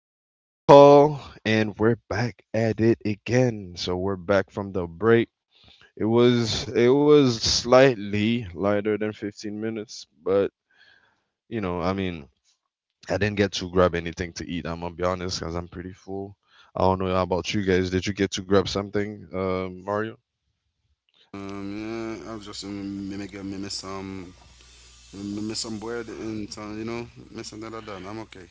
it's your boy Call, and we're back at it again. So we're back from the break. It was slightly lighter than 15 minutes, but you know, I mean, I didn't get to grab anything to eat. I'm gonna be honest, cause I'm pretty full. I don't know about you guys. Did you get to grab something, Mario? Yeah, I was just me miss some bread and some miss some that like that. I'm okay.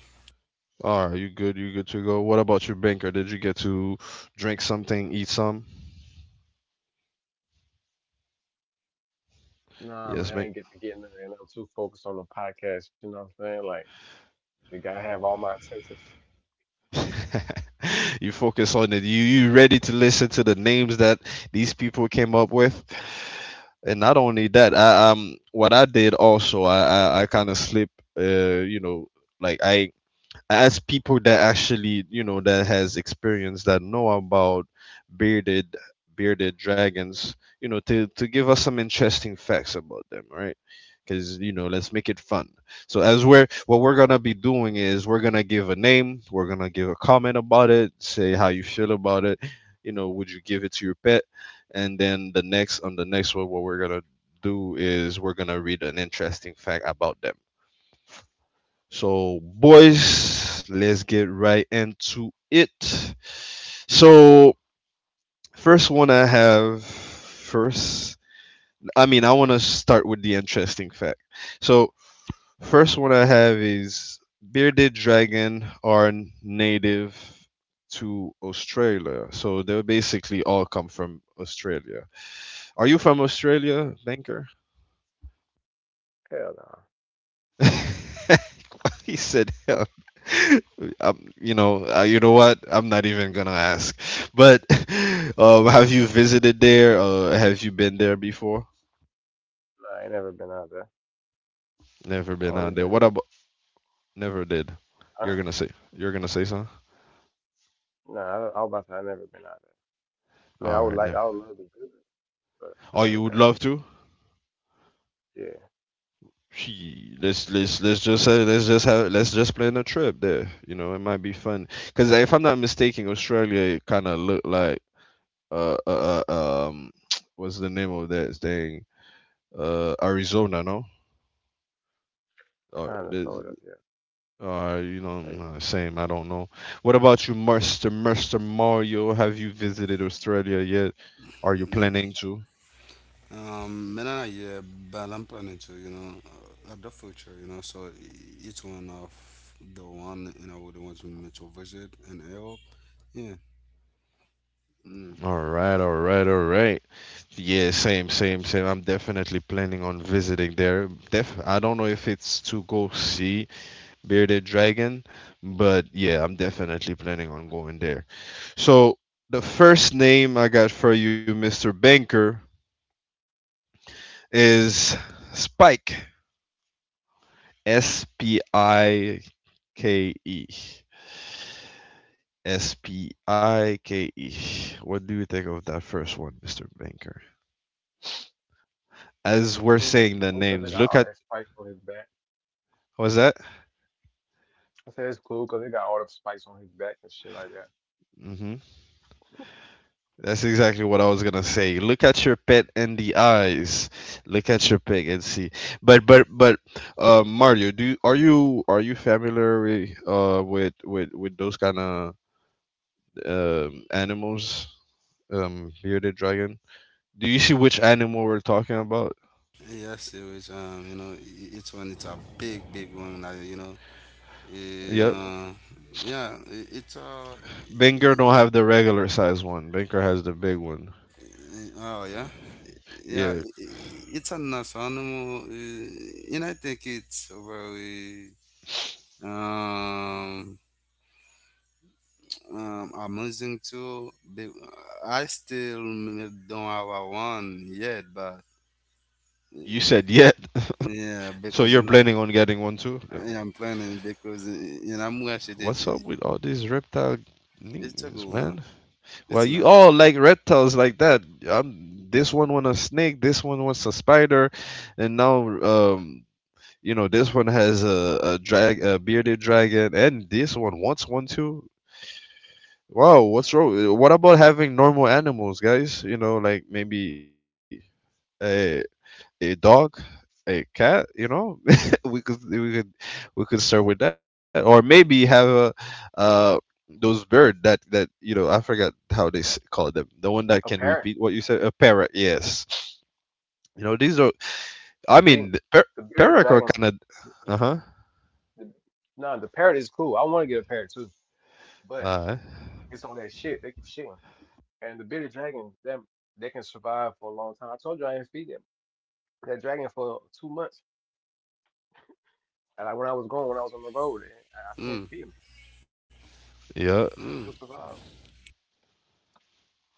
Are you good? You good to go? What about your banker? Did you get to drink something, eat some? Nah, Yes. man, I ain't get to get in there, and I'm too focused on the podcast. You know what I'm saying? You gotta have all my attention. You focus on it. You ready to listen to the names that these people came up with, and not only that, I what I did also I kind of slip uh you know like I as people that actually you know that has experience that know about bearded bearded dragons, you know, to give us some interesting facts about them, right? Because you know, let's make it fun. So as we're what we're gonna be doing is we're gonna give a name, we're gonna give a comment about it, say how you feel about it, you know, would you give it to your pet? And then the next on the next one, what we're gonna do is we're gonna read an interesting fact about them. So, boys, let's get right into it. So, first one I have first, I mean, I want to start with the interesting fact. So, first one I have is bearded dragon are native to Australia. So, they basically all come from Australia. Are you from Australia, Banker? Hell nah. He said, Oh, "Hell, I'm, you know what? I'm not even gonna ask." But have you visited there? Have you been there before? Nah, I ain't never been out there. Never I been only out there. been. What To- about? Never did. I, You're gonna say. You're gonna say something. nah, I was about to say I never been out there. I mean, I All would right. like. No. I would love to visit, but I Oh, never you would been out love to? there. Yeah, She, let's just say, let's just plan a trip there. You know, it might be fun. Because if I'm not mistaken, Australia kind of looked like uh, uh uh, um what's the name of that thing? Uh, Arizona, no? Or, kind of the- sort of. Yeah. or you know, Like, same. I don't know. What about you, Mister Mario? Have you visited Australia yet? Are you Mm, planning to? Man, I yeah, but I'm planning to at the future so each one of the one the ones we meant to visit in Europe. Yeah. Mm. All right, all right, all right. Yeah, same. I'm definitely planning on visiting there. I don't know if it's to go see Bearded Dragon, but yeah, I'm definitely planning on going there. So the first name I got for you, Mr. Banker, is Spike. S P I K E. Spike. What do you think of that first one, Mr. Banker? As we're that's saying the cool because they names, got look all at. that spikes on his back. What was that? I said it's cool because they got all the spikes on his back and shit like that. Hmm. That's exactly what I was gonna say. Look at your pet in the eyes. Look at your pet and see. But, Mario, are you familiar with with those kind of animals? Bearded dragon. Do you see which animal we're talking about? Yeah, serious. You know, it's one. It's a big one. Like you know, eh, Yep. uh, yeah, it's Benker i- don't have the regular size one. Benker has the big one. Oh yeah. yeah, i- Yeah. i- it's a nice animal, and I think it's a very um, amusing too. I still don't have a one yet, but You said yet, yeah, so because you you're know, planning on getting one too? Yeah, I'm planning because you know, I'm watching it. What's up with all these reptile It's a niggas, good one. man? Well, It's you nice. all like reptiles like that. This one wants a snake. This one wants a spider, and now you know, this one has a drag, a bearded dragon, and this one wants one too. Wow, what's wrong? What about having normal animals, guys? You know, like maybe. Uh, a dog, a cat. You know, we could we could we could start with that, or maybe have a uh those bird that you know, I forgot how they s- call them. The one that A can parrot. repeat what you said, a parrot. Yes, you know these are. I mean, See, the par- the bearded parrot are dragon. kind of. Uh huh. The, nah, the parrot is cool. I want to get a parrot too, but Uh it's on that shit. They keep shitting. And the bearded dragon, them they can survive for a long time. I told you I didn't feed them. That dragon for 2 months. When I was going, when I was on the road, I couldn't feed Mm, them. yeah. mm. They'll survive.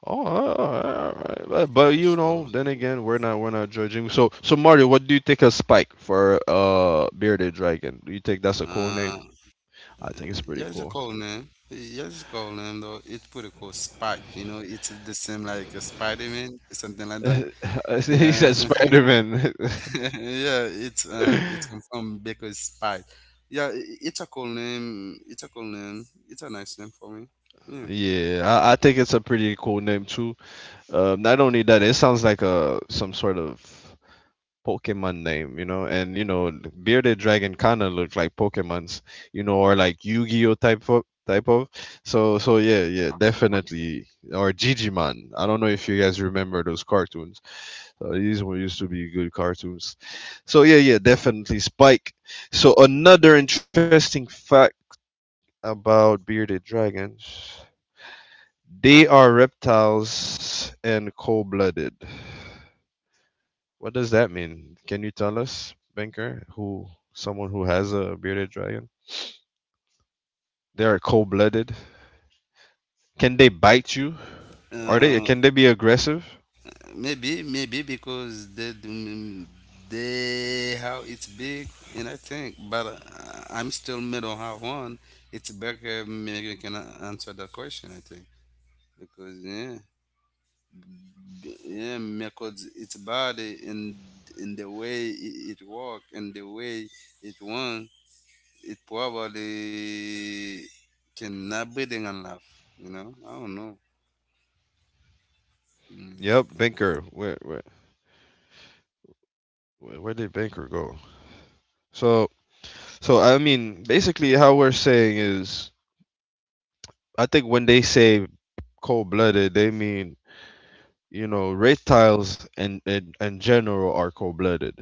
Oh, all right, all right. But you Also, know, then again, we're not judging. So so Mario, what do you think of Spike for bearded dragon? Do you think that's a cool name? uh, I think it's pretty yeah, it's a cool. cool name. Yeah, it's a cool name though. It's pretty cool. Spike, you know, it's the same like a Spider-Man, something like that. He said Yeah, Spider Man. yeah, it's come from because Spike. Yeah, it's a cool name. It's a cool name. It's a nice name for me. Yeah. Yeah, I think it's a pretty cool name too. Not only that, it sounds like a some sort of Pokemon name, you know. And you know, bearded dragon kind of look like Pokemons, you know, or like Yu-Gi-Oh type of. So so yeah, yeah, definitely, or Digimon. I don't know if you guys remember those cartoons. So these were used to be good cartoons. So yeah, yeah, definitely Spike. So another interesting fact about bearded dragons. They are reptiles and cold-blooded. What does that mean? Can you tell us, Banker, who someone who has a bearded dragon? They are cold-blooded. Can they bite you? Are they? Uh, Can they be aggressive? Maybe, maybe because they, they how it's big, and I think, but I'm still middle how one. It's better maybe you can answer that question. I think because yeah. Yeah, because its body and in the way it, it walk and the way it wants it probably cannot breathing and laugh you know I don't know mm. Yep, Banker. Where did Banker go? So so I mean, basically, how we're saying is I think when they say cold blooded, they mean you know reptiles and and general are cold blooded.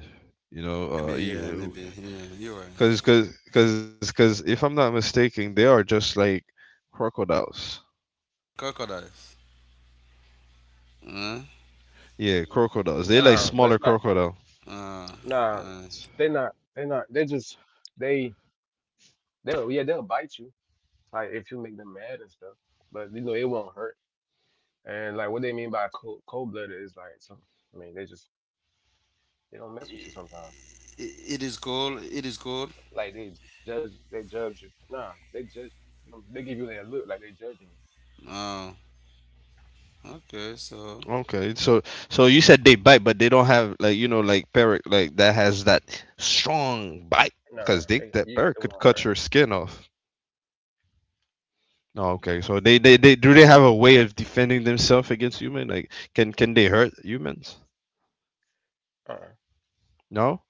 You know, Maybe yeah you, maybe yeah you're right. Because if I'm not mistaken, they are just like crocodiles. Crocodiles. uh, Yeah, crocodiles. They're like Nah, smaller that's not. crocodile. uh, Nah, uh, They're not. They they'll they'll bite you like if you make them mad and stuff. But you know it won't hurt. And like what they mean by cold blooded is like some. They just they don't mess with you sometimes. it, it is cold, it is cold. Like they judge you. Nah, they judge. They give you that look like they judging you. Oh, okay. So Okay, so so you said they bite, but they don't have like you know like parrot like that has that strong bite because they that You parrot it could won't cut hurt. your skin off. Oh, okay. So they do they have a way of defending themselves against human? Like can they hurt humans? Uh-uh, No?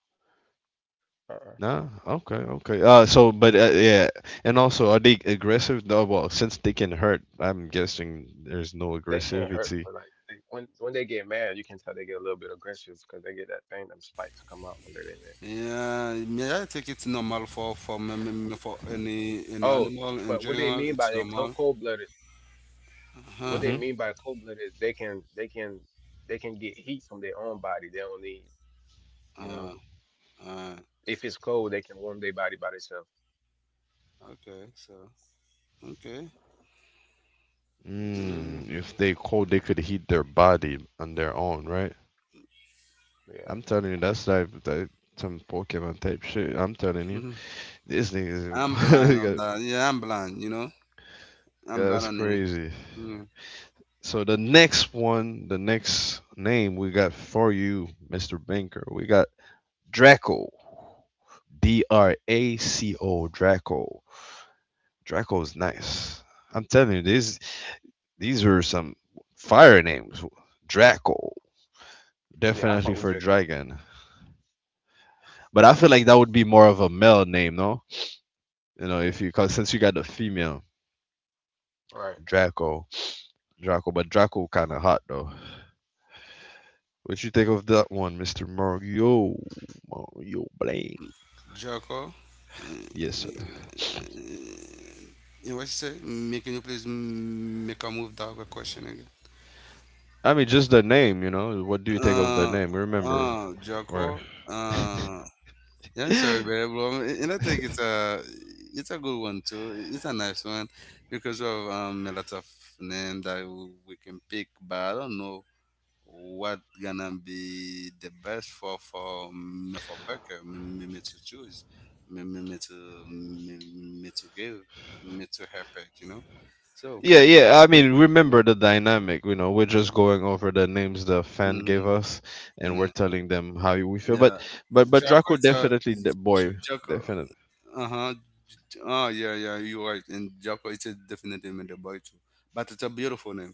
uh-uh. No. Okay. Okay. So but yeah, and also are they aggressive? No, well, since they can hurt, I'm guessing there's no They can't hurt, but aggressivity. like when they get mad, you can tell they get a little bit aggressive because they get that thing, them spikes come out under their neck. yeah, yeah, I think it's normal for for any Oh, animal in but what they general. mean by It's they normal, cold blooded, what huh? they Mhm. mean by cold blooded, they can get heat from their own body. They don't need, you know, Uh, Uh, if it's cold, they can warm their body by themselves. okay, so okay. Mm, Mm, if they cold, they could heat their body on their own, right? Yeah, I'm telling you that's like that some Pokemon type shit. I'm telling you. mhm. This thing is I'm blind on that. Yeah, I'm blind. You know, I'm that's blind on it. crazy. Yeah. So the next one, the next name we got for you, Mr. Banker, we got Draco. D R A C O Draco. Draco is nice. I'm telling you, these are some fire names. Draco, yeah, I definitely fuck with for Draco. dragon. But I feel like that would be more of a male name, no? You know, if you cause since you got the female All right. Draco, Draco, but Draco kind of hot though. What you think of that one, Mister Mario, Mario Blaine? Joko. Uh, Yes, sir. what you say? Me, can you please make a move that other question again? I mean, just the name, you know. What do you think of the Uh, name? Remember, or Joko. Uh, yeah, sorry, yeah, babe. Well, and I think it's a good one too. It's a nice one because we have a lot of name that we can pick, but I don't know what gonna be the best for me for Baker me to choose me to me, me to give me to help it you know so yeah. I mean, remember the dynamic. You know, we're just going over the names the fan gave mm, us, and we're mm, telling them how we feel. yeah. But, but Jocko Draco it's a definitely, the boy, Jocko. definitely. Uh-huh. Oh yeah, yeah, you're right, and Jocko it's a definitely made a boy too, but it's a beautiful name,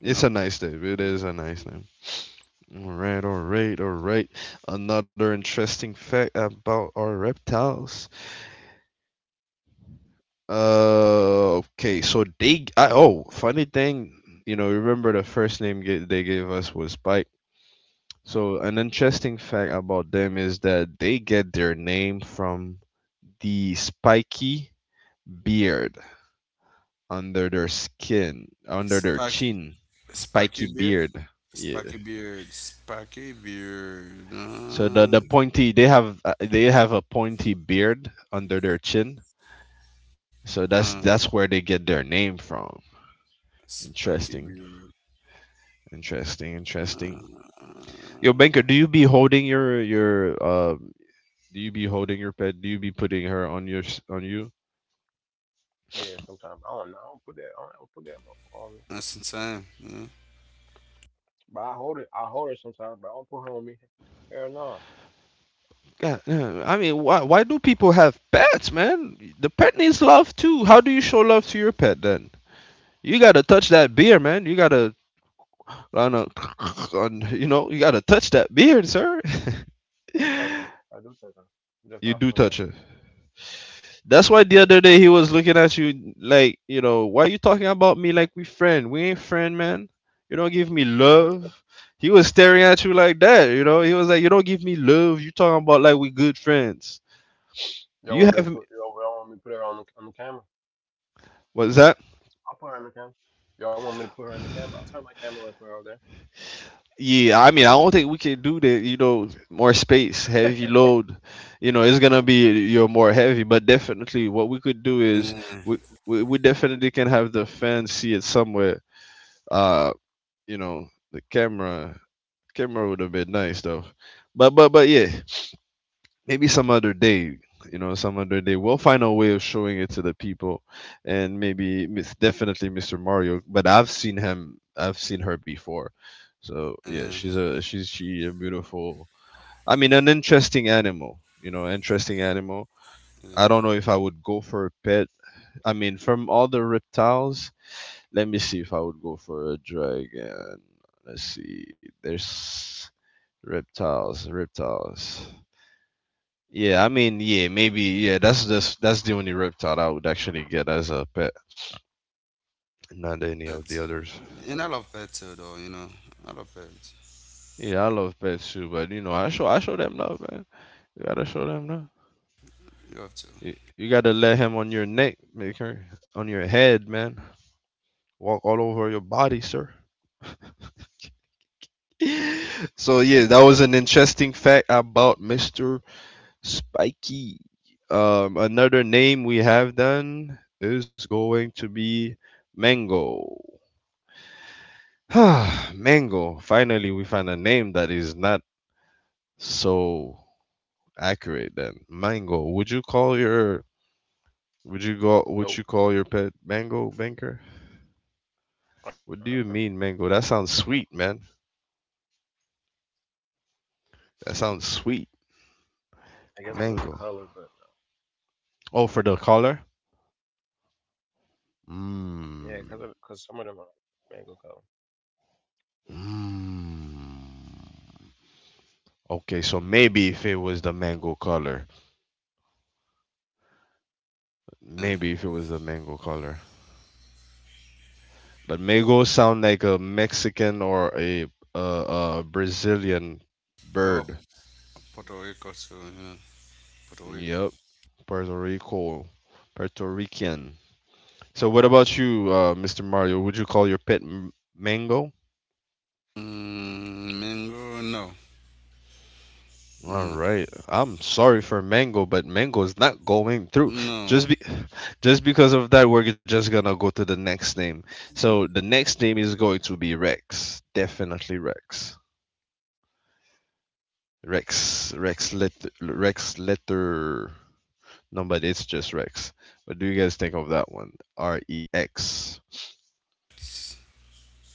you It's a know. nice name. It Yeah. is a Yeah. nice name. All right, all right, all right. Another interesting fact about our reptiles. Okay, so they g- oh, funny thing, you know, remember the first name g they gave us was Spike. So an interesting fact about them is that they get their name from the spiky beard under their skin, under their Sparky. chin, spiky Sparky Beard beard. Yeah. Sparky Beard Sparky Beard, So the pointy they have a pointy beard under their chin. So uh. That's where they get their name from. Sparky Interesting. Beard. Interesting, interesting. Uh, Yo, uh, Banker, do you be holding your um? Do you be holding your pet? Do you be putting her on your s- on you? Yeah, sometimes I don't know. I don't put that on. that's in time. Yeah. But I hold it. I hold her sometimes, but I don't put her on me. Hell no. God, yeah, I mean, why do people have pets, man? The pet needs love too. How do you show love to your pet then? You gotta touch that beer, man. You gotta on a, on you know you gotta touch that beard, sir. I touch them. I do touch them. I'm just You not do putting it. touch it. That's That why touch the 'em other day he was looking at you like, you know, why you talking about me like we friend? We ain't friend, man. You don't give me yet. love. He was staring at you like that, you know. He was like, you don't give me love. You talking about like we good friends. You have y'all want me to put her on the camera? what's that? I'll put her in the camera. Y'all want me to put her in the camera? I'll turn my camera and put her out there. Yeah, I mean, I don't think we can do that. You know, more space, heavy load. You know, it's gonna be you're more heavy, but definitely what we could do is Yeah. we we definitely can have the fans see it somewhere. Uh, you know, the camera Camera would have been nice though. But yeah, maybe some other day. You know, some other day we'll find a way of showing it to the people, and maybe Miss definitely Mr. Mario. But I've seen him, I've seen her before, so yeah, Yeah. she's a she's she a beautiful. I mean, an interesting animal. You know, interesting animal. I Yeah. don't know if I would go for a pet. I mean, from all the reptiles, let me see if I would go for a dragon. Let's see. There's Reptiles, reptiles. Yeah, I mean, yeah, maybe, yeah. That's just that's the only reptile I would actually get as a pet, not any of the Pets. others. And I love pets too, though. You know, I love pets. Yeah, I love pets too, but you know, I show them love, man. You gotta show them love. You have to. You gotta let him on your neck, make her on your head, man. Walk all over your body, sir. So yeah that was an interesting fact about Mister Spiky. Another name we have then is going to be Mango. Mango. Finally, we find a name that is not so accurate then. Mango. Would you call your would you Nope. call your pet Mango, Banker? What uh. do you mean mango? That sounds sweet, man. That sounds sweet. I guess because of the color, but Mango. Oh, for the color? yeah, because some of them are Mmm. mango color. Mmm. Okay, so maybe if it was the mango color. Yeah. Maybe if it was a Yeah, mango color. But mango sound like a Mexican or a Brazilian Oh, bird. Puerto Rico too. You know, Puerto Rico. Yep, Puerto Rico, Puerto Rican. So what about you, Mr. Mario? Would you call your pet mango? Mm, mango. No. All No. right. I'm sorry for mango, but mango is not going through. No. Just be, just because of that, we're just gonna go to the next name. So Mhm. the next name is going to be Rex. Definitely Rex. Rex, Rex, let Rex Letter. No, but it's just Rex. What do you guys think of that one? REX.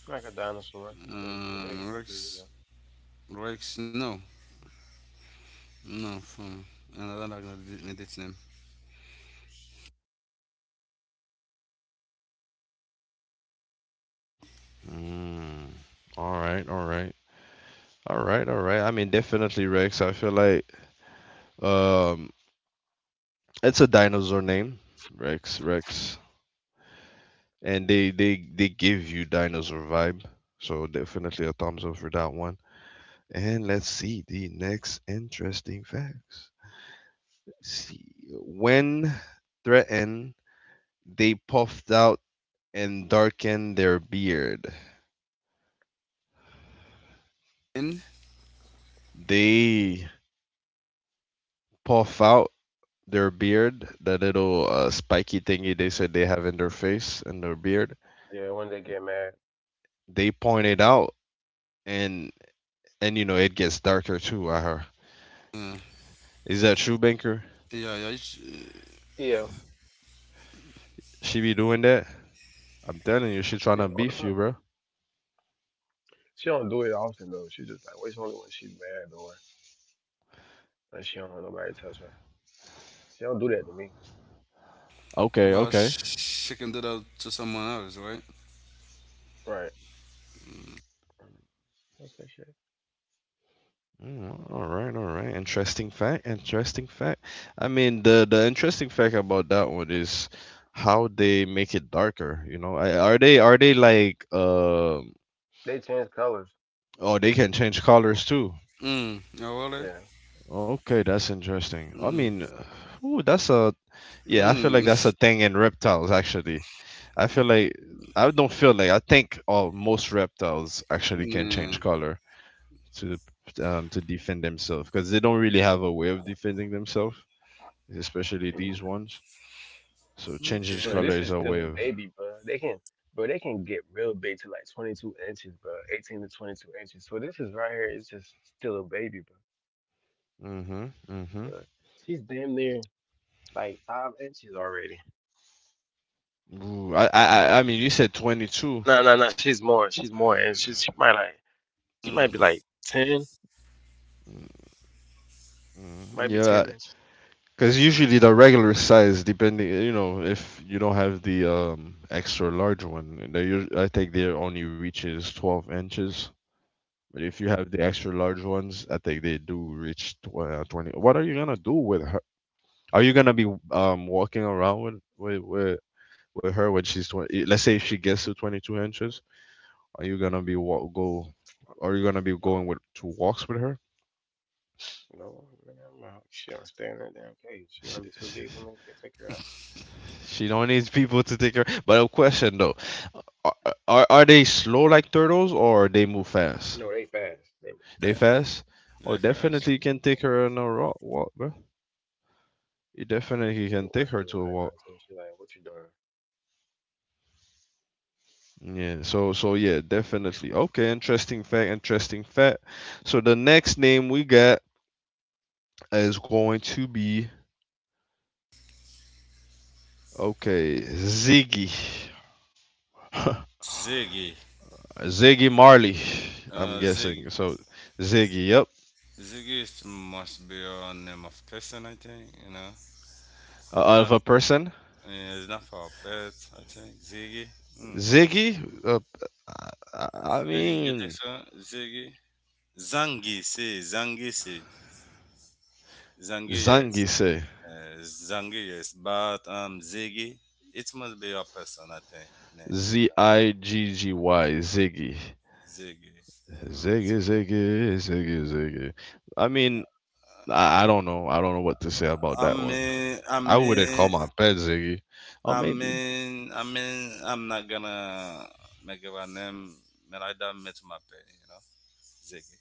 like a dinosaur. Because yeah, they. I mean, you Rex. know. Rex. No. No. From another like that. Name. Mm. All right, all right, all right. I mean, definitely Rex. I feel like um, it's a dinosaur name, Rex, and they give you dinosaur vibe. So definitely a thumbs up for that one. And let's see the next interesting facts. Let's see, when threatened they puffed out and darkened their beard. N. They puff out their beard, that little spiky thingy they said they have in their face and their beard. Yeah, when they get mad. They point it out, and you know it gets darker too, I heard. Yeah. Is that true, Banker? Yeah. Yeah. Yeah. She be doing that? I'm telling you, she trying Yeah, to all the beef time. you, bro. She don't do it often though. She just like waits only when she's mad or when she don't want nobody to touch her. She don't do that to me. Okay, But okay. She can do that to someone else, right? Right. Okay, shit. Mm, all right, all right. Interesting fact. Interesting fact. I mean, the interesting fact about that one is how they make it darker. You know, are they like um? They change colors. Oh, they can change colors too. Mm. Oh, really? Yeah, Okay, that's interesting. I Mm. mean, ooh, that's a yeah. I feel like Mm. that's a thing in reptiles. Actually, I feel like I think all most reptiles actually can Yeah. change color to to defend themselves because they don't really have a way of defending themselves, especially these Jesus. ones. So changing Okay. But this color is is a still way a of. baby, bro. They can get real big to like 22 inches, bro. 18 to 22 inches. So this is right here. It's just still a baby, bro. Mhm, mhm. But she's damn near like 5 inches already. Ooh, I mean, you said 22. No, no, no. She's more. She's more, and she's she might like she might Mm, be like 10, Mm, mm, might be 10 yeah, inches. because usually the regular size, depending, you know, if you don't have the extra large one, they, I think they only reaches 12 inches. But if you have the extra large ones, I think they do reach tw 20. What are you gonna do with her? Are you gonna be walking around with her when she's 20? Let's say if she gets to 22 inches. Are you gonna be going No, with to walks with her? no, man. I She don't stay in that damn cage. She She, gonna be too she, big for me. Can't take her out. she don't need people to take her. But a question though, are, are they slow like turtles or they move fast? You know they fast. They move They fast. fast? Oh, the definitely first. you can take her on a walk, bro. You definitely can They take her watching to me a right walk. now, so she like, "What you doing?" Yeah. So so yeah, definitely. Okay, interesting fact. Interesting fact. So the next name we got is going to be, okay, Ziggy. Ziggy. Ziggy Marley, I'm guessing. Ziggy. So Z- Ziggy, yep. Ziggy must be a name of person, I think, you know. Of Not, a person, it's not for a pet, I think. Ziggy. Mm. Ziggy. Uh, I You think mean, so? Ziggy? Zangi, see. Zangi, see. Zangi, Zangy say Zangi, yes, but Ziggy, it must be your person, I think. Name Z I G G Y, Ziggy, Ziggy. Um, Ziggy. I mean, I don't know. I don't know what to say about I that one. mean, I I wouldn't call mean, my pet Ziggy, or I maybe mean, I mean, I'm not gonna make up a name, but I don't match my pen, you know, Ziggy.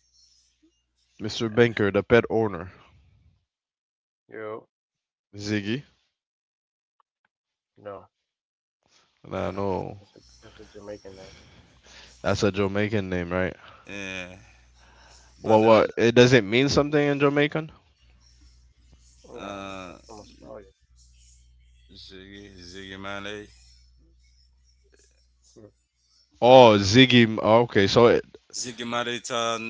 Mr. Banker, the pet owner, Yo, Ziggy. no, I know that's a Jamaican name. that's a Jamaican name, right? Yeah, but Well, then, what it does it mean something in Jamaican? Nah, uh, that's from Australia. Ziggy, Ziggy Marley. Hmm. Oh, Ziggy. Oh, okay, so it, Zigmaritan,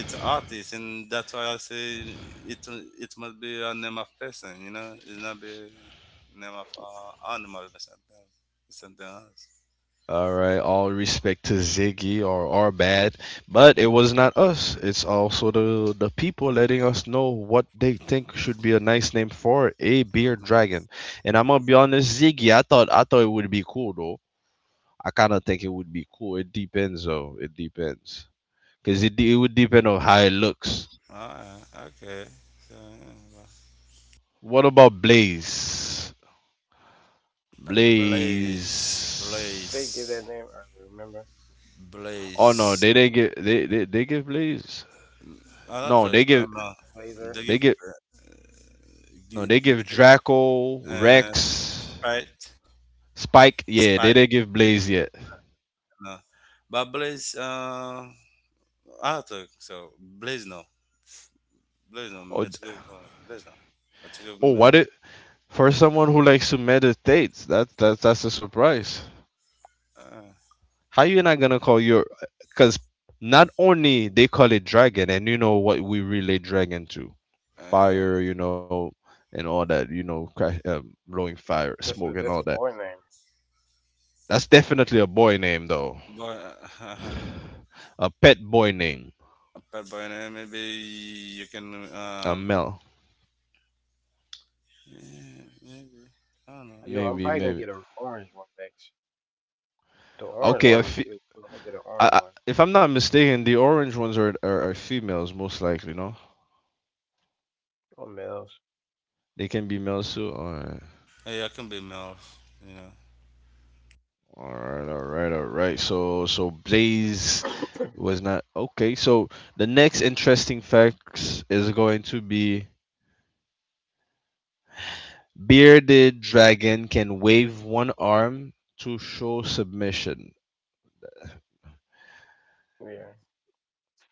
it's artist, and that's why I say it it must be a name of person, you know, it's not be name of animal or something, something else. all right, all respect to Ziggy or our bad, but it was not us. It's also the people letting us know what they think should be a nice name for a beer Mhm. dragon. And I'm gonna be honest, Ziggy, I thought it would be cool though. I kind of think it would be cool. It depends though. It depends because it would depend on how it looks. Alright, okay. So, yeah, What about Blaze? well, Blaze. Blaze, They give that Blaze, name earlier. Remember, Oh no, Blaze. they didn't get they give Blaze. I don't No, think so. No, they Laser. they give give uh, no give- they give Draco, uh, Rex, Sprite, Spike. Sprite. Yeah, they didn't give Blaze yet. No, but Blaze. Ah, tak, so Blazno, Blazno, Oh, d- Mexico, Blazno, Mexico, oh, Mil, what it for someone who likes to meditate? That's a surprise. uh, How you not gonna call your? Because not only they call it dragon, and you know what we relate dragon to, uh, fire, you know, and all that, you know, blowing fire, smoke, That's and all a that. boy name. That's definitely a boy name though, boy, uh, a pet boy name, Bad Boy, and maybe you can, a male. yeah, maybe, I don't know. Yo, I'm Maybe, probably gonna maybe. get an orange one next. The orange Okay, a one look fe- good. So I'm gonna get an orange I, one. if I'm not mistaken, the orange ones are, are females most likely, no? Or males. They can be males too. All right, Hey, I can be Melf, you know. all right, all right, all right. So so Blaze yeah. was not okay. So the next interesting facts is going to be bearded dragon can wave one arm to show submission.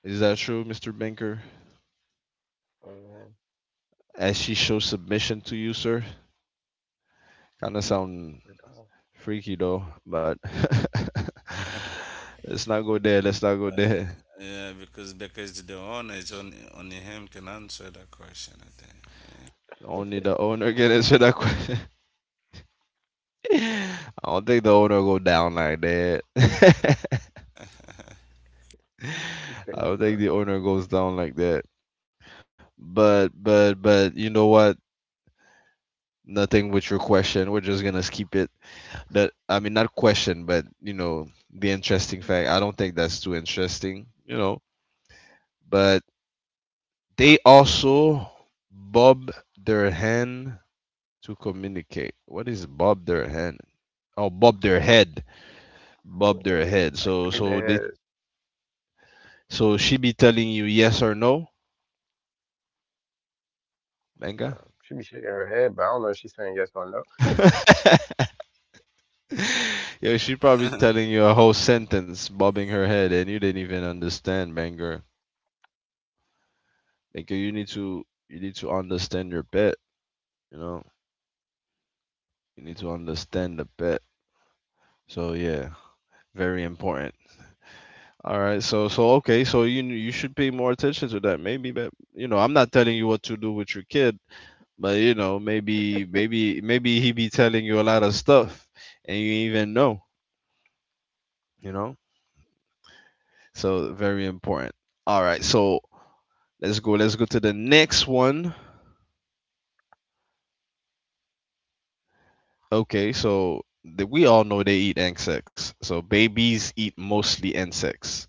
Is that true, Mr. Banker? Hmm. As she shows submission to you, sir? Kind of sound freaky though, but let's not go there. Let's not go Uh, there. yeah, because the owner is only only him can answer that question. Only the owner can answer that question. I don't think the owner go down like that. I I think. You crazy don't girl. think the owner goes down like that. But you know what? Nothing with your question. We're just gonna skip it. That, I mean, not question, but you know, the interesting fact. I don't think that's too interesting. You know, but they also bob their hand to communicate. What is bob their hand? Oh, bob their head, bob Yeah. their head. I So expect the so they head. so she be telling you yes or no, manga. She be shaking her head, but I don't know if she's saying yes or no. Yeah, she probably Yeah. telling you a whole sentence, bobbing her head, and you didn't even understand, banger. Like you need to understand your pet. You know, you need to understand the pet. So yeah, very important. All right, so so okay, so you should pay more attention to that. Maybe, but you know, I'm not telling you what to do with your kid. But you know, maybe maybe he be telling you a lot of stuff and you even know, you know? So very important. All right, so let's go to the next one. Okay, so the, we all know they eat insects. So babies eat mostly insects.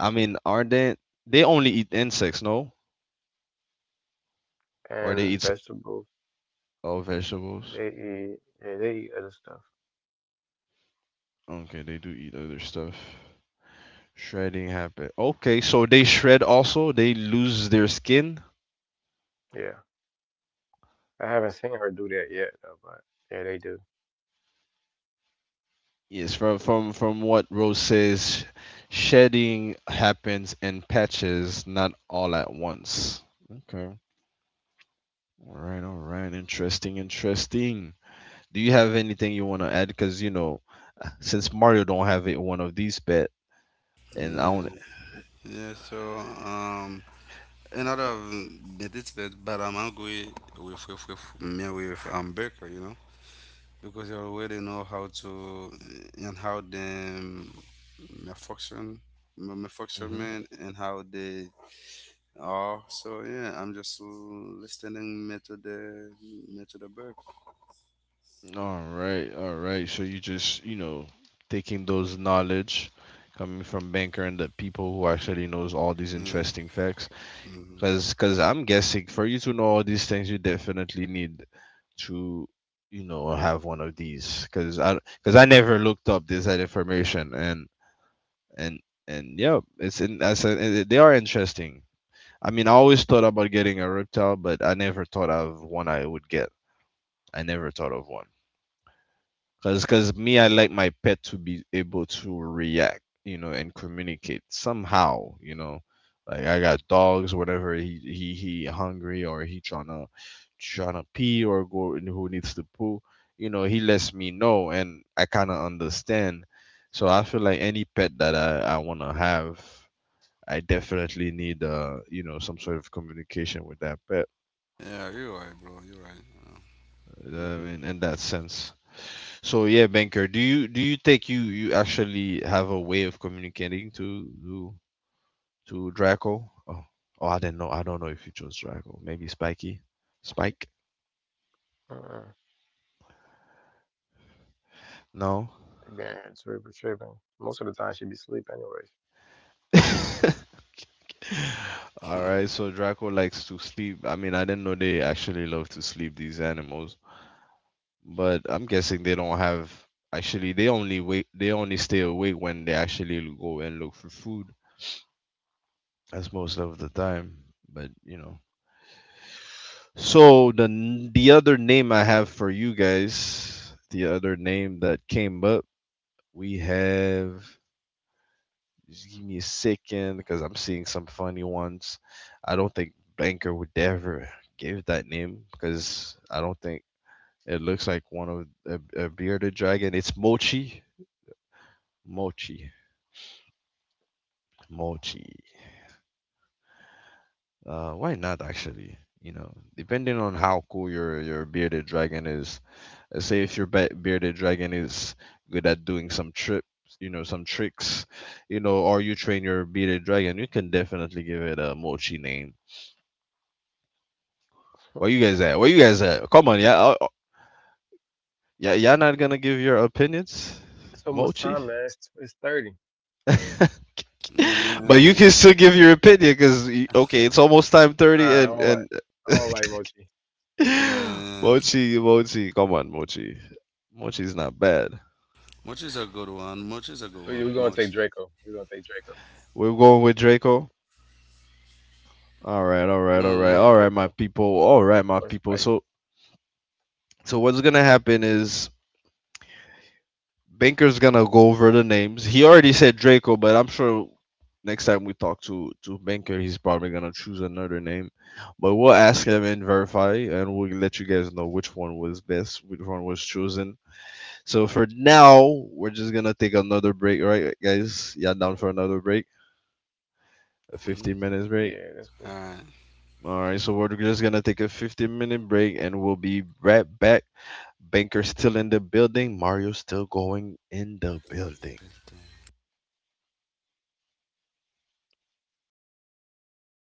I mean, are they only eat insects, no? Or And they eat vegetables, all they vegetables? eat. yeah, they eat other stuff. Okay, they do eat other stuff. Shredding happen. Okay, so they shred also, they lose their skin. Yeah. I haven't seen her do that yet, though, but yeah, they do. Yes, from from what Rose says, shedding happens in patches, not all at once. Okay. All right, all right. Interesting, interesting. Do you have anything you want to add? Because you know, since Mario don't have it, one of these bet, and I don't. Yeah. Yeah, so um. Another but it's bet, but I'm angry with me with Baker, you know, because I already know how to and how them my function, my function Mhm. man, and how they are. So yeah, I'm just listening me to the Baker. All right, all right. So you just you know taking those knowledge coming from banker and the people who actually knows all these Yeah, interesting facts. hmm, Cause I'm guessing for you to know all these things, you definitely need to, you know, have one of these. Cause I never looked up this that information, and and and yeah, it's in. They are interesting. I mean, I always thought about getting a reptile, but I never thought of one I would get. I never thought of one. Cause me, I like my pet to be able to react, you know, and communicate somehow, you know. Like I got dogs, whatever he hungry or he tryna pee or go and who needs to poo, you know, he lets me know and I kind of understand. So I feel like any pet that I wanna have, I definitely need you know some sort of communication with that pet. yeah, you're right, bro. You're right. You know what I Yeah. mean, in that sense. So yeah, banker, do you think you actually have a way of communicating to Draco? Oh, oh, I didn't know. I don't know if you chose Draco. Maybe Spiky, Spike. Uh-uh. No. They Being super tripping. Most of the time, she be asleep anyways. Mm-hmm. All Yeah, right. So Draco likes to sleep. I mean, I didn't know they actually love to sleep these animals, but I'm guessing they don't have. Actually, they only wait. They only stay awake when they actually go and look for food. That's most of the time. But you know. So the the other name I have for you guys, the other name that came up, we have. Just give me a second because I'm seeing some funny ones. I don't think Banker would ever give that name because I don't think it looks like one of a bearded dragon. It's Mochi, Mochi, Mochi. Why not actually? You know, depending on how cool your bearded dragon is, let's say if your bearded dragon is good at doing some trips, you know, some tricks, you know, or you train your bearded dragon, you can definitely give it a mochi name. Where you guys at? Where you guys at? Come on, yeah, yeah, y'all not gonna give your opinions, so much mochi. time, man. It's 30. But you can still give your opinion because okay, it's almost time Nah, 30, I don't and like I don't like Mochi. uh. mochi, mochi, come on, mochi, mochi's not bad. Much is a We good we gonna one. take Much is a Draco. good We're one. gonna take Much. Draco. We're going with Draco. All Yeah, right, all Draco. right, all right, Uh, all right, my Or people, Spike. all right, my people. So, so what's gonna happen is Banker's gonna go over the names. He already said Draco, but I'm sure next time we talk to Banker, he's probably gonna choose another name. But we'll ask him and verify, and we'll let you guys know which one was best, which one was chosen. So for now, we're just gonna take another break, right, guys? Yeah, down for another break, a Yeah, 15 that's minutes cool. break. alright. All right, so we're just gonna take a 15-minute break, and we'll be right back. Banker's still in the building. Mario's still going in the building. People.